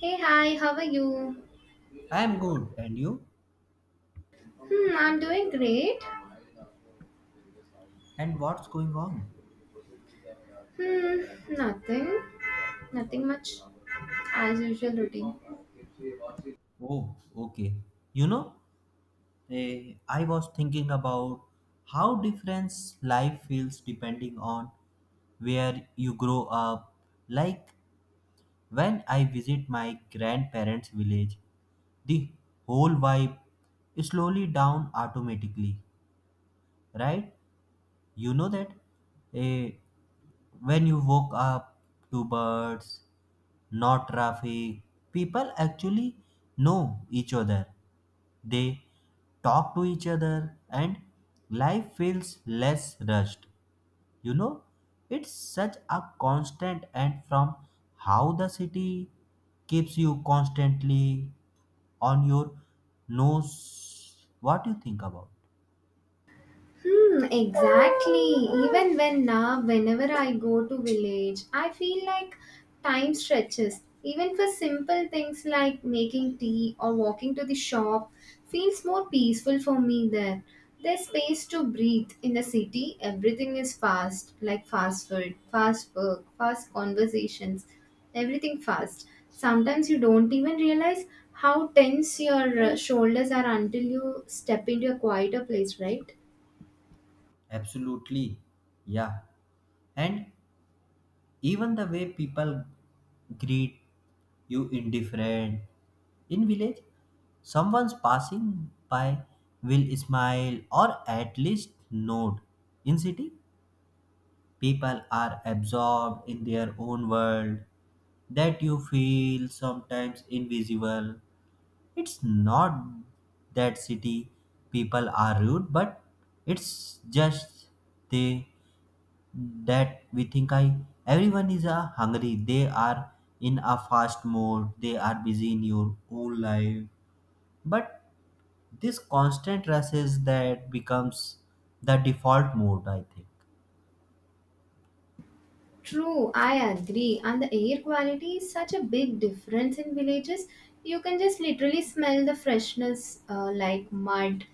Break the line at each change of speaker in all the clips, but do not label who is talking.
Hey, hi, how are you?
I am good, and you?
Hmm, I'm doing great.
And what's going on?
Hmm, nothing. Nothing much. As usual routine.
Oh, okay. You know, I was thinking about how different life feels depending on where you grow up. Like when I visit my grandparents' village, the whole vibe slowly down automatically, right? You know that eh, when you woke up to birds, not traffic, people actually know each other. They talk to each other and life feels less rushed. You know, it's such a constant and from how the city keeps you constantly on your nose. What do you think about?
Hmm, exactly. Even when now, whenever I go to village, I feel like time stretches. Even for simple things like making tea or walking to the shop feels more peaceful for me there. There's space to breathe. In the city, everything is fast, like fast food, fast work, fast conversations, everything fast. Sometimes you don't even realize how tense your shoulders are until you step into a quieter place, right?
Absolutely. Yeah. And even the way people greet you indifferent. In village, someone's passing by will smile or at least nod. In city, people are absorbed in their own world that you feel sometimes invisible. It's not that city people are rude, but it's just they that we think I everyone is hungry. They are in a fast mode. They are busy in your own life. But this constant rush is that becomes the default mode, I think.
True, I agree. And the air quality is such a big difference in villages. You can just literally smell the freshness, like mud,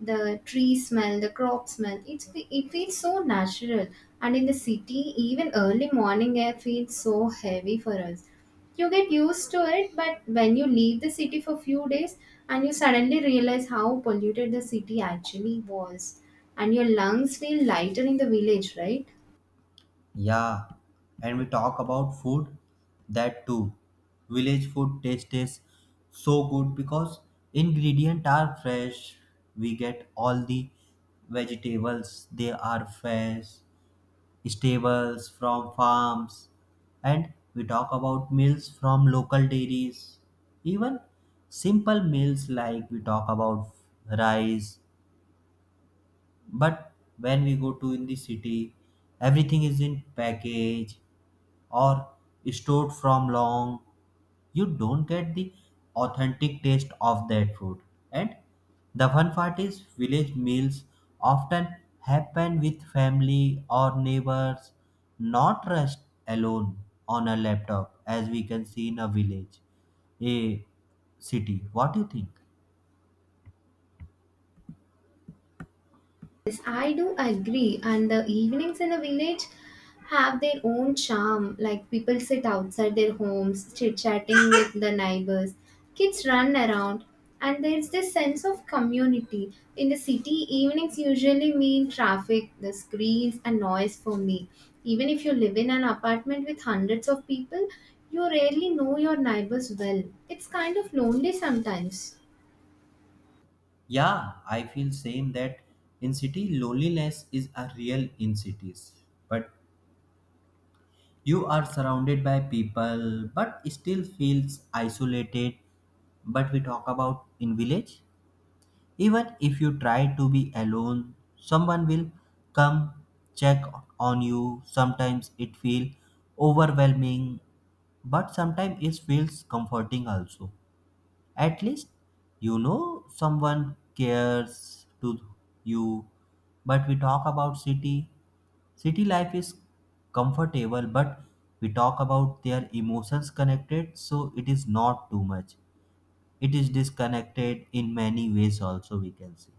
the tree smell, the crop smell. It feels so natural. And in the city, even early morning air feels so heavy for us. You get used to it, but when you leave the city for few days and you suddenly realize how polluted the city actually was, and your lungs feel lighter in the village, right?
Yeah, and we talk about food. That too, village food taste is so good because ingredients are fresh. We get all the vegetables. They are fresh stables from farms, and we talk about meals from local dairies. Even simple meals like we talk about rice, but when we go to in the city, everything is in package or stored from long. You don't get the authentic taste of that food. And the fun part is village meals often happen with family or neighbors, not rushed alone on a laptop as we can see in a village, a city. What do you think?
Yes, I do agree. And the evenings in a village have their own charm. Like people sit outside their homes, chit chatting with the neighbors, kids run around, and there's this sense of community. In the city, evenings usually mean traffic, the screens, and noise for me. Even if you live in an apartment with hundreds of people, you rarely know your neighbors well. It's kind of lonely sometimes.
Yeah, I feel same that in city loneliness is a real in cities. But you are surrounded by people but still feels isolated. But we talk about in village, even if you try to be alone, someone will come check on you. Sometimes it feel overwhelming, but sometimes it feels comforting also. At least you know someone cares to you. But we talk about city. City life is comfortable, but we talk about their emotions connected, so it is not too much. It is disconnected in many ways, also, we can say.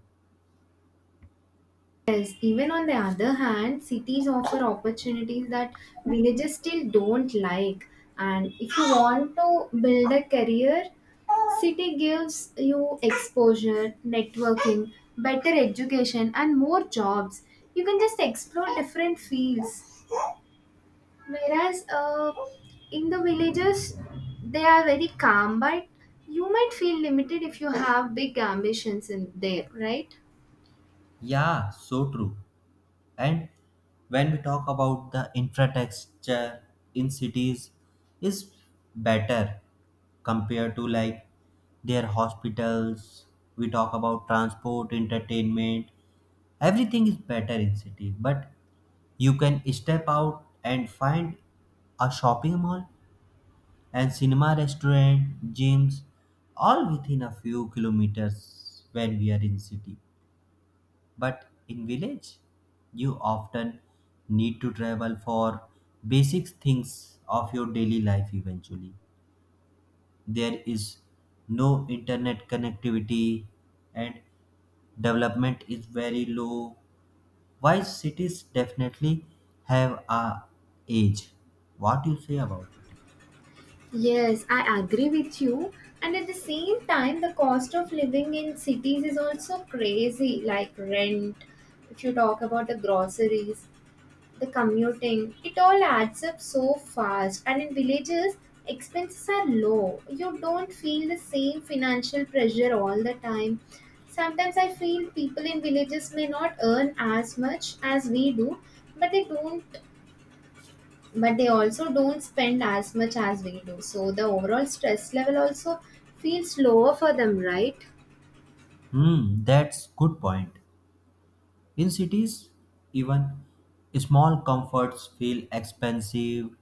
Yes, even on the other hand, cities offer opportunities that villages still don't like. And if you want to build a career, city gives you exposure, networking, better education, and more jobs. You can just explore different fields. Whereas in the villages, they are very calm, but you might feel limited if you have big ambitions in there, right?
Yeah, so true. And when we talk about the infrastructure in cities is better compared to like their hospitals. We talk about transport, entertainment, everything is better in city but you can step out and find a shopping mall and cinema restaurant gyms all within a few kilometers when we are in city but in village, you often need to travel for basic things of your daily life eventually. There is no internet connectivity and development is very low. Why cities definitely have a age? What do you say about it?
Yes, I agree with you. And at the same time, the cost of living in cities is also crazy, like rent. If you talk about the groceries, the commuting, it all adds up so fast. And in villages, expenses are low. You don't feel the same financial pressure all the time. Sometimes I feel people in villages may not earn as much as we do, but they don't but they also don't spend as much as we do, so the overall stress level also feels lower for them, right?
Hmm, that's good point. In cities, even small comforts feel expensive,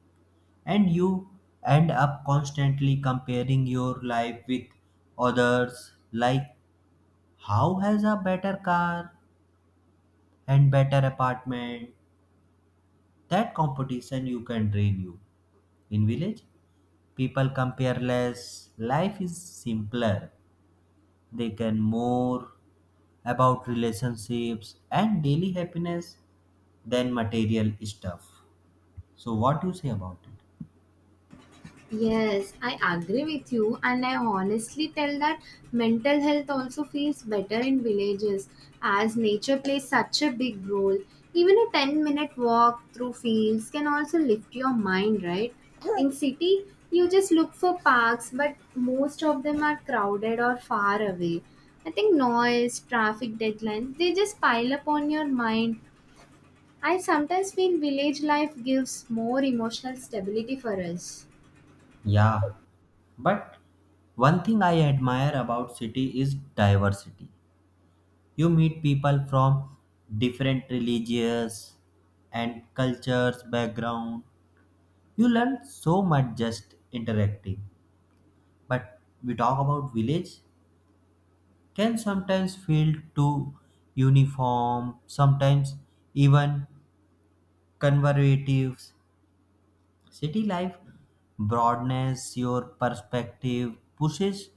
and you end up constantly comparing your life with others like how has a better car and better apartment that competition you can drain you in village people compare less life is simpler they can more about relationships and daily happiness than material stuff. So what do you say about it?
Yes, I agree with you, and I honestly tell that mental health also feels better in villages as nature plays such a big role. Even a 10-minute walk through fields can also lift your mind, right? In city, you just look for parks, but most of them are crowded or far away. I think noise, traffic deadlines, they just pile up on your mind. I sometimes feel village life gives more emotional stability for us.
Yeah, but one thing I admire about city is diversity. You meet people from different religious and cultures background. You learn so much just interacting. But we talk about village can sometimes feel too uniform, sometimes even conservative. City life broadens your perspective, pushes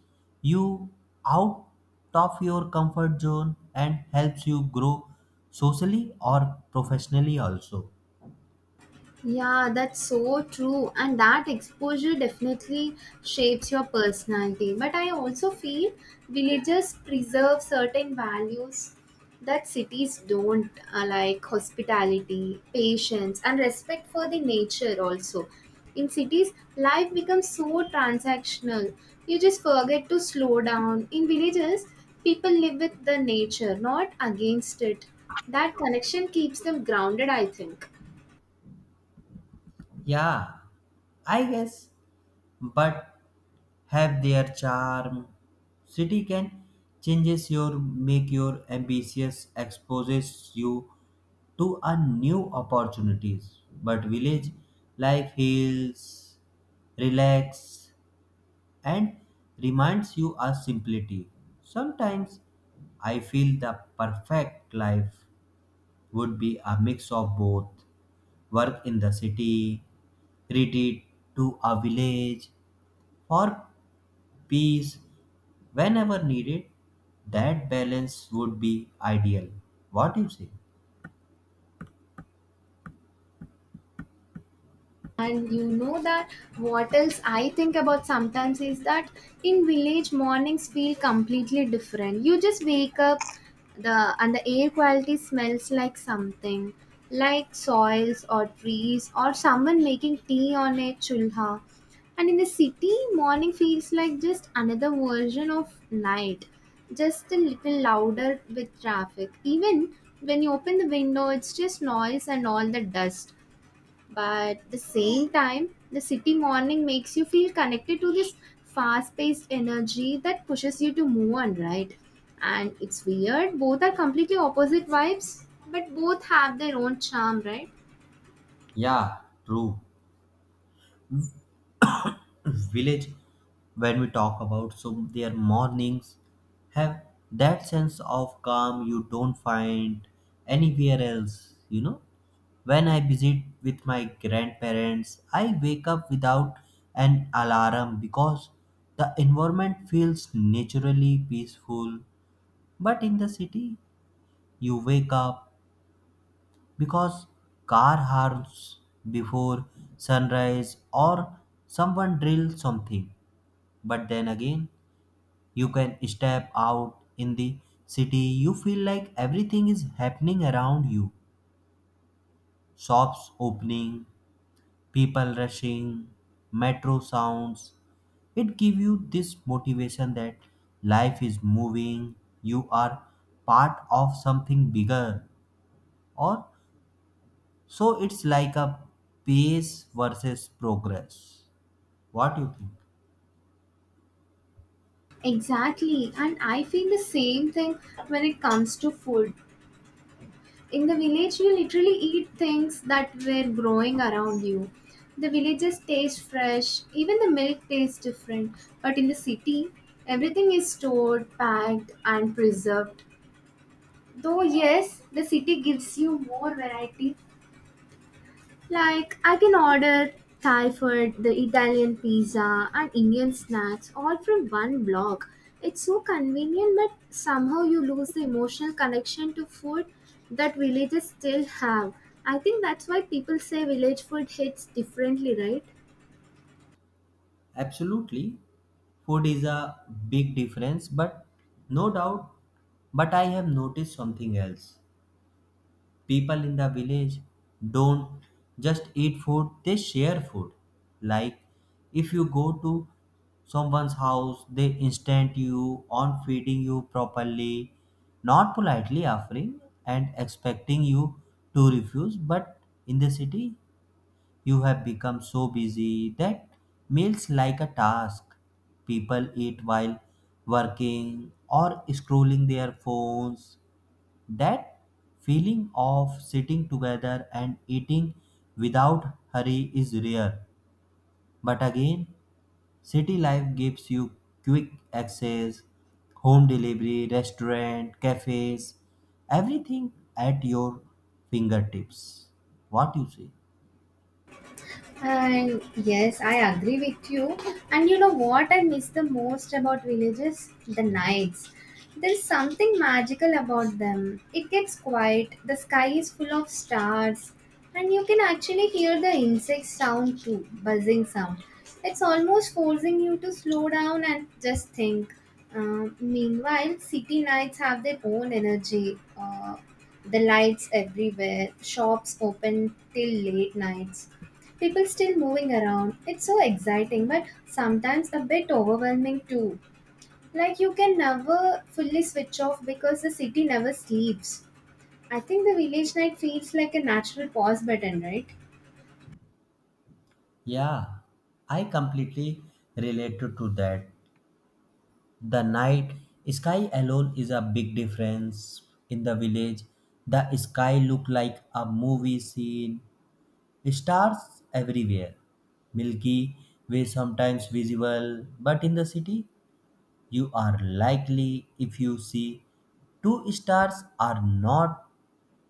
you out of your comfort zone, and helps you grow socially or professionally also.
Yeah, that's so true. And that exposure definitely shapes your personality. But I also feel villages preserve certain values that cities don't, like hospitality, patience, and respect for the nature, also. In cities, life becomes so transactional. You just forget to slow down. In villages, people live with the nature, not against it. That connection keeps them grounded, I think.
Yeah, I guess but have their charm. City can changes your make your ambitious exposes you to a new opportunities. But village life heals, relax, and reminds you of simplicity. Sometimes I feel the perfect life would be a mix of both work in the city, retreat to a village, or peace whenever needed, that balance would be ideal. What do you say?
And you know that what else I think about sometimes is that in village mornings feel completely different. You just wake up the and the air quality smells like something like soils or trees or someone making tea on a chulha. And in the city morning feels like just another version of night. Just a little louder with traffic. Even when you open the window, it's just noise and all the dust, but the same time the city morning makes you feel connected to this fast-paced energy that pushes you to move on, right? And it's weird, both are completely opposite vibes, but both have their own charm, right?
Yeah, true. Village, when we talk about, so their mornings have that sense of calm you don't find anywhere else, you know? When I visit with my grandparents, I wake up without an alarm because the environment feels naturally peaceful. But in the city, you wake up because car horns before sunrise or someone drill something but then again you can step out in the city you feel like everything is happening around you shops opening people rushing metro sounds it gives you this motivation that life is moving you are part of something bigger or so it's like a pace versus progress. What do you think?
Exactly, and I feel the same thing when it comes to food. In the village you literally eat things that were growing around you. The villages taste fresh, even the milk tastes different. But in the city everything is stored, packed and preserved. Though yes, the city gives you more variety, like, I can order Thai food, the Italian pizza, and Indian snacks all from one block. It's so convenient, but somehow you lose the emotional connection to food that villages still have. I think that's why people say village food hits differently, right?
Absolutely. Food is a big difference, but no doubt. But I have noticed something else. People in the village don't just eat food, they share food. Like if you go to someone's house, they instant you on feeding you properly, not politely offering and expecting you to refuse, but in the city you have become so busy that meals like a task. People eat while working or scrolling their phones. That feeling of sitting together and eating without hurry is rare. But again, city life gives you quick access, home delivery, restaurant, cafes, everything at your fingertips. What you say?
And yes, I agree with you. And you know what I miss the most about villages? The nights. There's something magical about them. It gets quiet, the sky is full of stars, and you can actually hear the insect sound too, buzzing sound. It's almost forcing you to slow down and just think. Meanwhile, city nights have their own energy. The lights everywhere, shops open till late nights. People still moving around. It's so exciting, but sometimes a bit overwhelming too. Like you can never fully switch off because the city never sleeps. I think the village night feels like a natural pause button, right?
Yeah, I completely relate to that. The night sky alone is a big difference in the village. The sky look like a movie scene. Stars everywhere. Milky Way sometimes visible, but in the city you are likely if you see two stars are not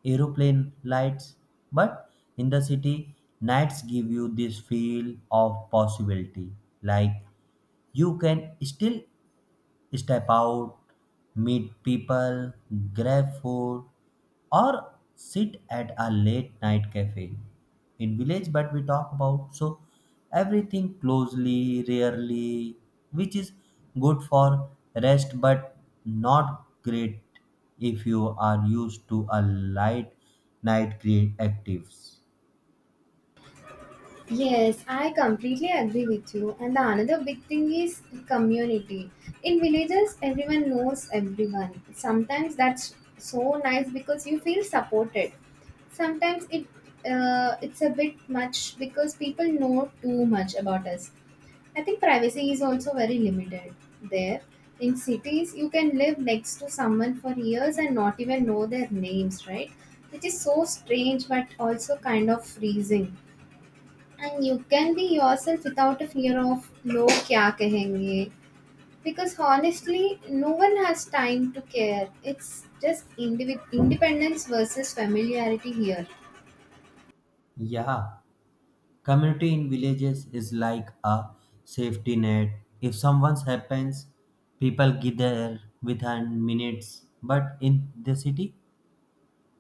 aeroplane lights but in the city nights give you this feel of possibility like you can still step out, meet people, grab food, or sit at a late night cafe in village but we talk about so everything closely rarely which is good for rest but not great if you are used to a light night create actives.
Yes, I completely agree with you. And the another big thing is community. In villages, everyone knows everyone. Sometimes that's so nice because you feel supported. Sometimes it's a bit much because people know too much about us. I think privacy is also very limited there. In cities, you can live next to someone for years and not even know their names, right? Which is so strange but also kind of freezing. And you can be yourself without a fear of log kya kahenge. Because honestly, no one has time to care. It's just independence versus familiarity here.
Yeah, community in villages is like a safety net. If someone happens, people gather within minutes. But in the city,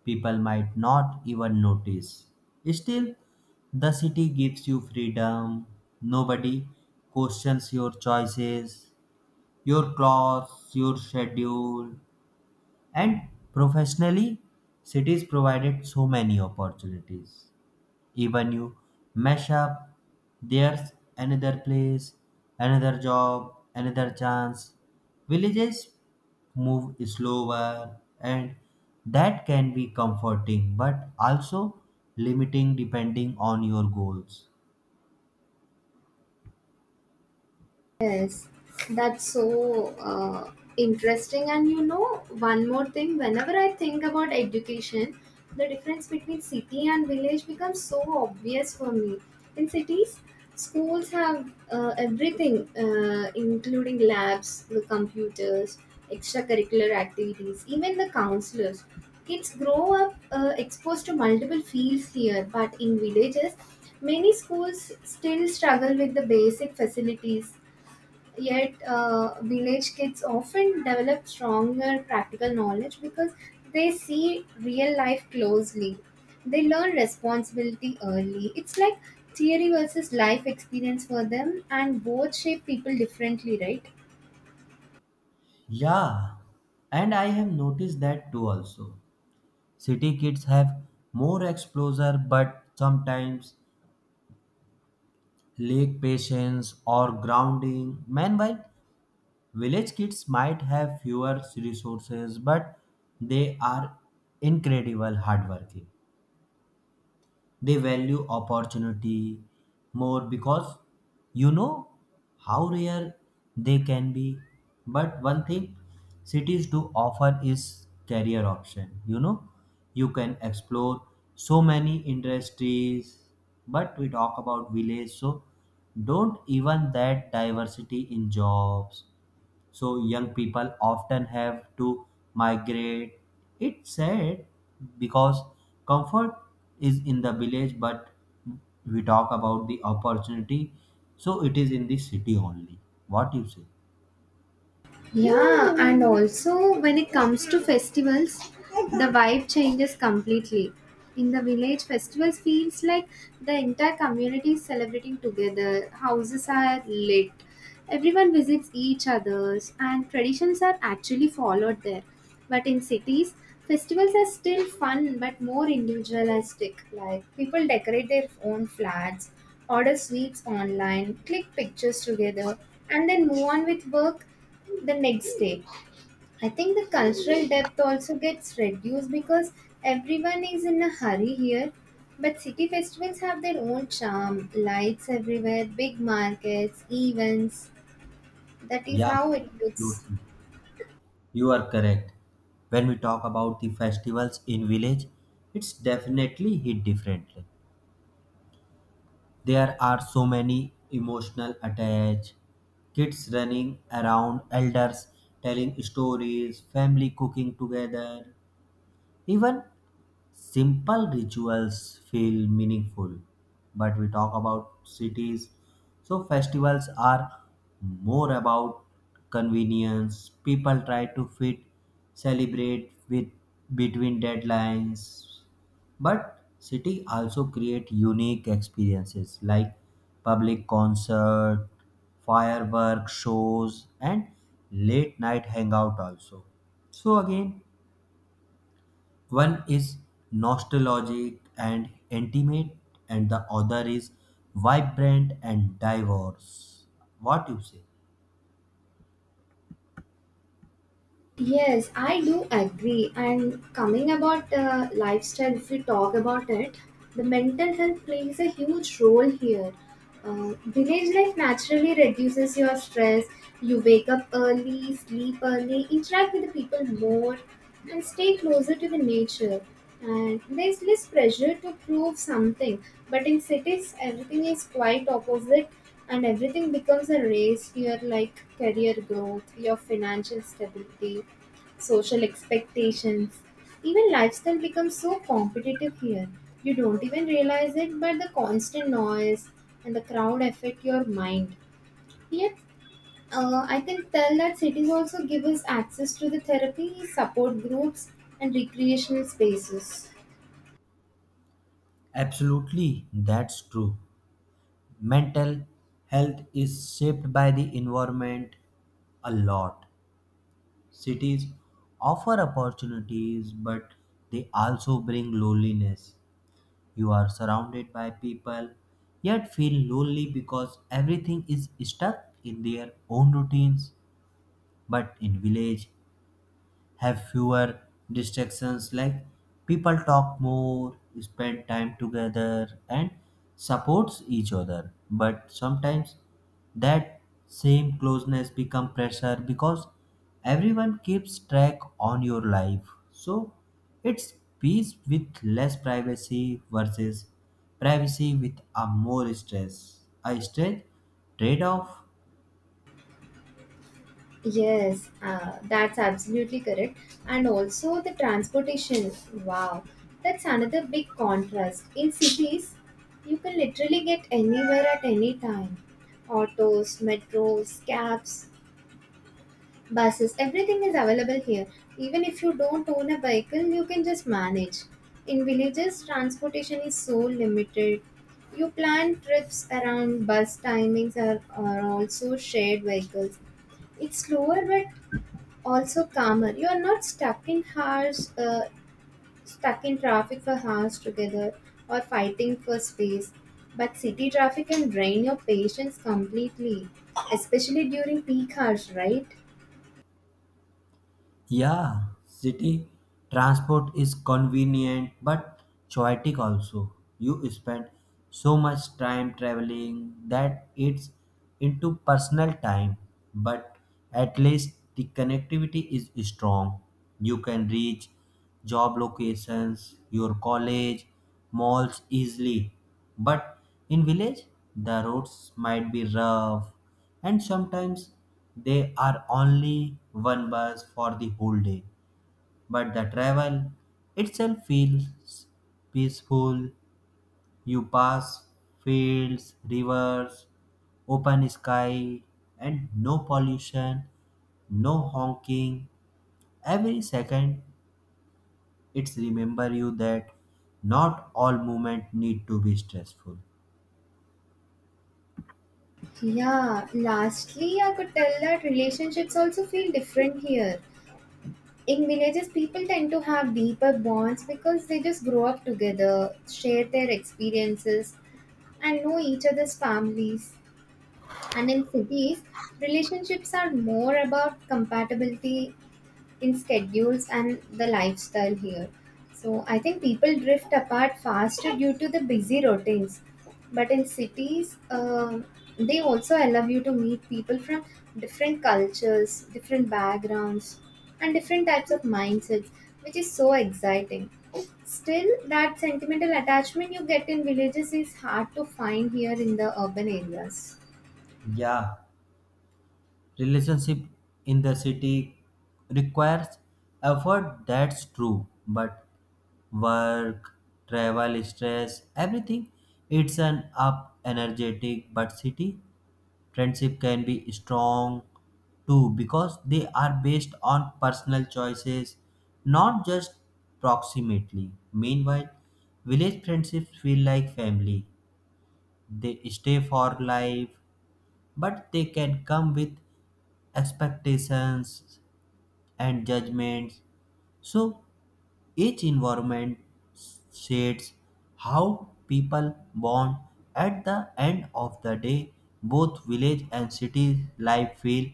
people might not even notice. Still, the city gives you freedom. Nobody questions your choices, your clothes, your schedule. And professionally, cities provided so many opportunities. Even you mess up, there's another place, another job, another chance. Villages move slower, and that can be comforting but also limiting depending on your goals.
Yes, that's so interesting. And you know, one more thing, whenever I think about education, the difference between city and village becomes so obvious for me. In cities, schools have everything, including labs, the computers, extracurricular activities, even the counselors. Kids grow up exposed to multiple fields here, but in villages, many schools still struggle with the basic facilities. Yet, village kids often develop stronger practical knowledge because they see real life closely. They learn responsibility early. It's like theory versus life experience for them, and both shape people differently, right?
Yeah, and I have noticed that too also. City kids have more exposure but sometimes lack patience or grounding. Meanwhile, village kids might have fewer resources, but they are incredible hardworking. They value opportunity more because you know how rare they can be. But one thing cities do offer is career option. You can explore so many industries, but we talk about village, so don't even that diversity in jobs so young people often have to migrate. It's sad because comfort is in the village but we talk about the opportunity so it is in the city only. What you say?
Yeah, and also when it comes to festivals, the vibe changes completely. In the village, festivals feels like the entire community is celebrating together. Houses are lit. Everyone visits each other's and traditions are actually followed there. But in cities, festivals are still fun but more individualistic. Like people decorate their own flats, order sweets online, click pictures together, and then move on with work the next day. I think the cultural depth also gets reduced because everyone is in a hurry here. But city festivals have their own charm, lights everywhere, big markets, events. That is
Yeah,
how it looks.
absolutely, you are correct. When we talk about the festivals in village it's definitely hit differently. There are so many emotional attached, kids running around, elders telling stories, family cooking together, even simple rituals feel meaningful. But we talk about cities, so festivals are more about convenience. People try to fit, celebrate with between deadlines. But city also create unique experiences like public concert, firework shows, and late night hangout also. So again, one is nostalgic and intimate, and the other is vibrant and diverse. What you say?
Yes, I do agree. And coming about lifestyle, if we talk about it, the mental health plays a huge role here. Village life naturally reduces your stress. You wake up early, sleep early, interact with the people more, and stay closer to the nature. And there's less pressure to prove something. But in cities, everything is quite opposite. And everything becomes a race here like career growth, your financial stability, social expectations. Even lifestyle becomes so competitive here. You don't even realize it, but the constant noise and the crowd affect your mind. Yet, I can tell that cities also give us access to the therapy, support groups, and recreational spaces.
Absolutely, that's true. Mental health is shaped by the environment a lot. Cities offer opportunities, but they also bring loneliness. You are surrounded by people, yet feel lonely because everything is stuck in their own routines. But in village have fewer distractions like people talk more spend time together and supports each other but sometimes that same closeness become pressure because everyone keeps track on your life so it's peace with less privacy versus privacy with a more stress a stress trade-off.
Yes, that's absolutely correct. And also the transportation. Wow, that's another big contrast. In cities, you can literally get anywhere at any time. Autos, metros, cabs, buses, everything is available here. Even if you don't own a vehicle, you can just manage. In villages, transportation is so limited. You plan trips around bus timings or also shared vehicles. It's slower, but also calmer. You are not stuck in hours, stuck in traffic for hours together, or fighting for space. But city traffic can drain your patience completely, especially during peak hours, right?
Yeah, city transport is convenient but chaotic also. You spend so much time traveling that it's into personal time, but at least the connectivity is strong. You can reach job locations, your college, malls easily. But in village, the roads might be rough and sometimes they are only one bus for the whole day. But the travel itself feels peaceful. You pass fields, rivers, open sky, and no pollution, no honking. Every second it's remember you that not all movement need to be stressful.
Yeah, lastly, I could tell that relationships also feel different here. In villages, people tend to have deeper bonds because they just grow up together, share their experiences, and know each other's families. And in cities, relationships are more about compatibility in schedules and the lifestyle here. So I think people drift apart faster due to the busy routines. But in cities, they also allow you to meet people from different cultures, different backgrounds, and different types of mindsets, which is so exciting. Still, that sentimental attachment you get in villages is hard to find here in the urban areas.
Yeah, relationship in the city requires effort, that's true, but work, travel, stress, everything. It's an up energetic but city friendship can be strong too because they are based on personal choices not just proximity. Meanwhile village friendships feel like family, they stay for life but they can come with expectations and judgments so each environment shapes how people bond. At the end of the day, both village and city life will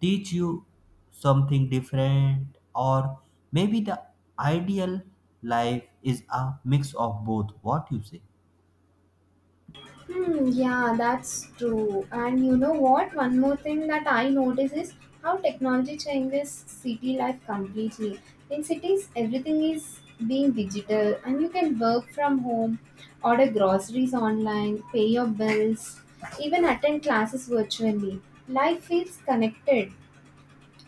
teach you something different, or maybe the ideal life is a mix of both. What you say?
Hmm, yeah, that's true. And you know what? One more thing that I notice is how technology changes city life completely. In cities, everything is being digital, and you can work from home, order groceries online, pay your bills, even attend classes virtually. Life feels connected,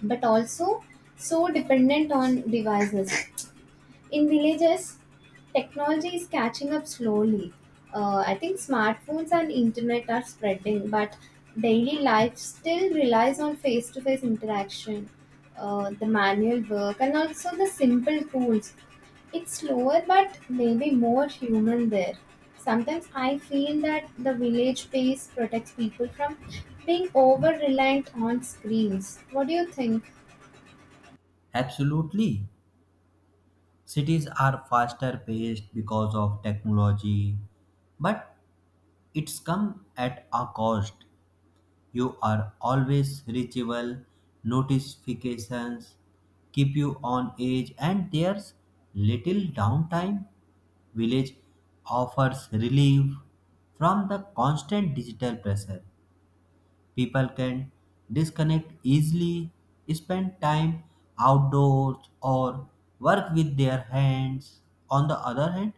but also so dependent on devices. In villages, technology is catching up slowly. I think smartphones and internet are spreading, but daily life still relies on face to face interaction, the manual work, and also the simple tools. It's slower, but maybe more human there. Sometimes I feel that the village space protects people from being over reliant on screens. What do you think?
Absolutely. Cities are faster paced because of technology, but it's come at a cost. You are always reachable, notifications keep you on edge, and there's little downtime. Village offers relief from the constant digital pressure. People can disconnect easily, spend time outdoors, or work with their hands. On the other hand,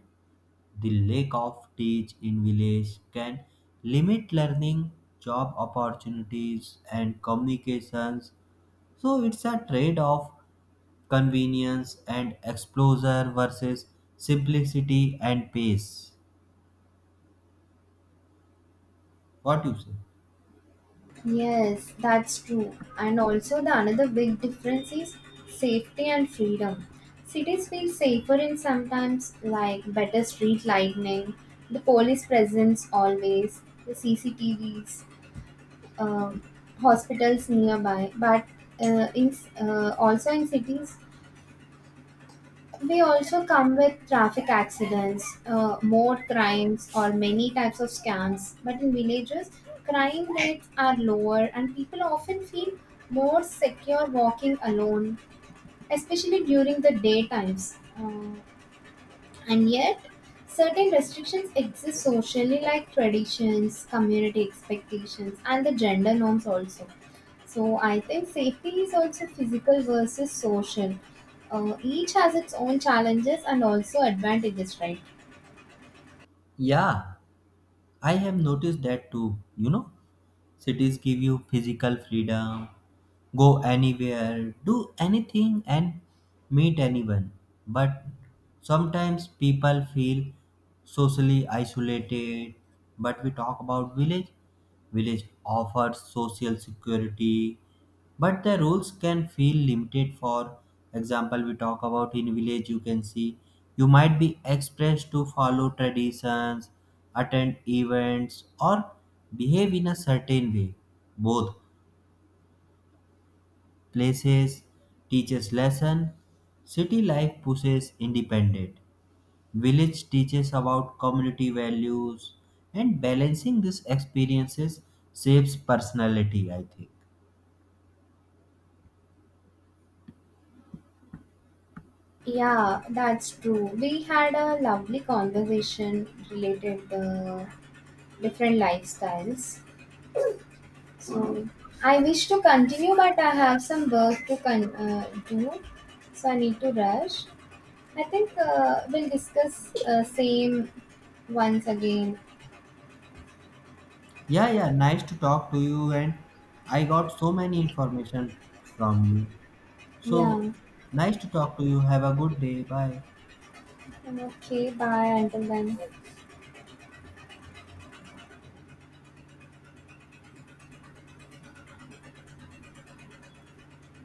the lack of teach in village can limit learning, job opportunities, and communications. So it's a trade off convenience and exposure versus simplicity and pace. What you say?
Yes, that's true. And also, the another big difference is safety and freedom. Cities feel safer in sometimes, like better street lighting, the police presence always, the CCTVs, um, hospitals nearby. But also in cities, they also come with traffic accidents, more crimes, or many types of scams. But in villages, crime rates are lower, and people often feel more secure walking alone, especially during the day times. And yet, certain restrictions exist socially, like traditions, community expectations, and the gender norms also. So, I think safety is also physical versus social. Each has its own challenges and also advantages, right?
Yeah, I have noticed that too. Cities give you physical freedom, go anywhere, do anything, and meet anyone. But sometimes people feel socially isolated. But we talk about village. Village offers social security, but the rules can feel limited. For example we talk about in village you can see you might be expressed to follow traditions, attend events or behave in a certain way. Both places teaches lesson, city life pushes independent, village teaches about community values and balancing these experiences shapes personality, I think.
Yeah, that's true. We had a lovely conversation related the different lifestyles. So I wish to continue, but I have some work to do, so I need to rush. I think we'll discuss same once again.
Yeah, yeah, nice to talk to you and I got so many information from you. So,
Yeah.
nice to talk to you. Have a good day. Bye.
Okay. Bye. Until then.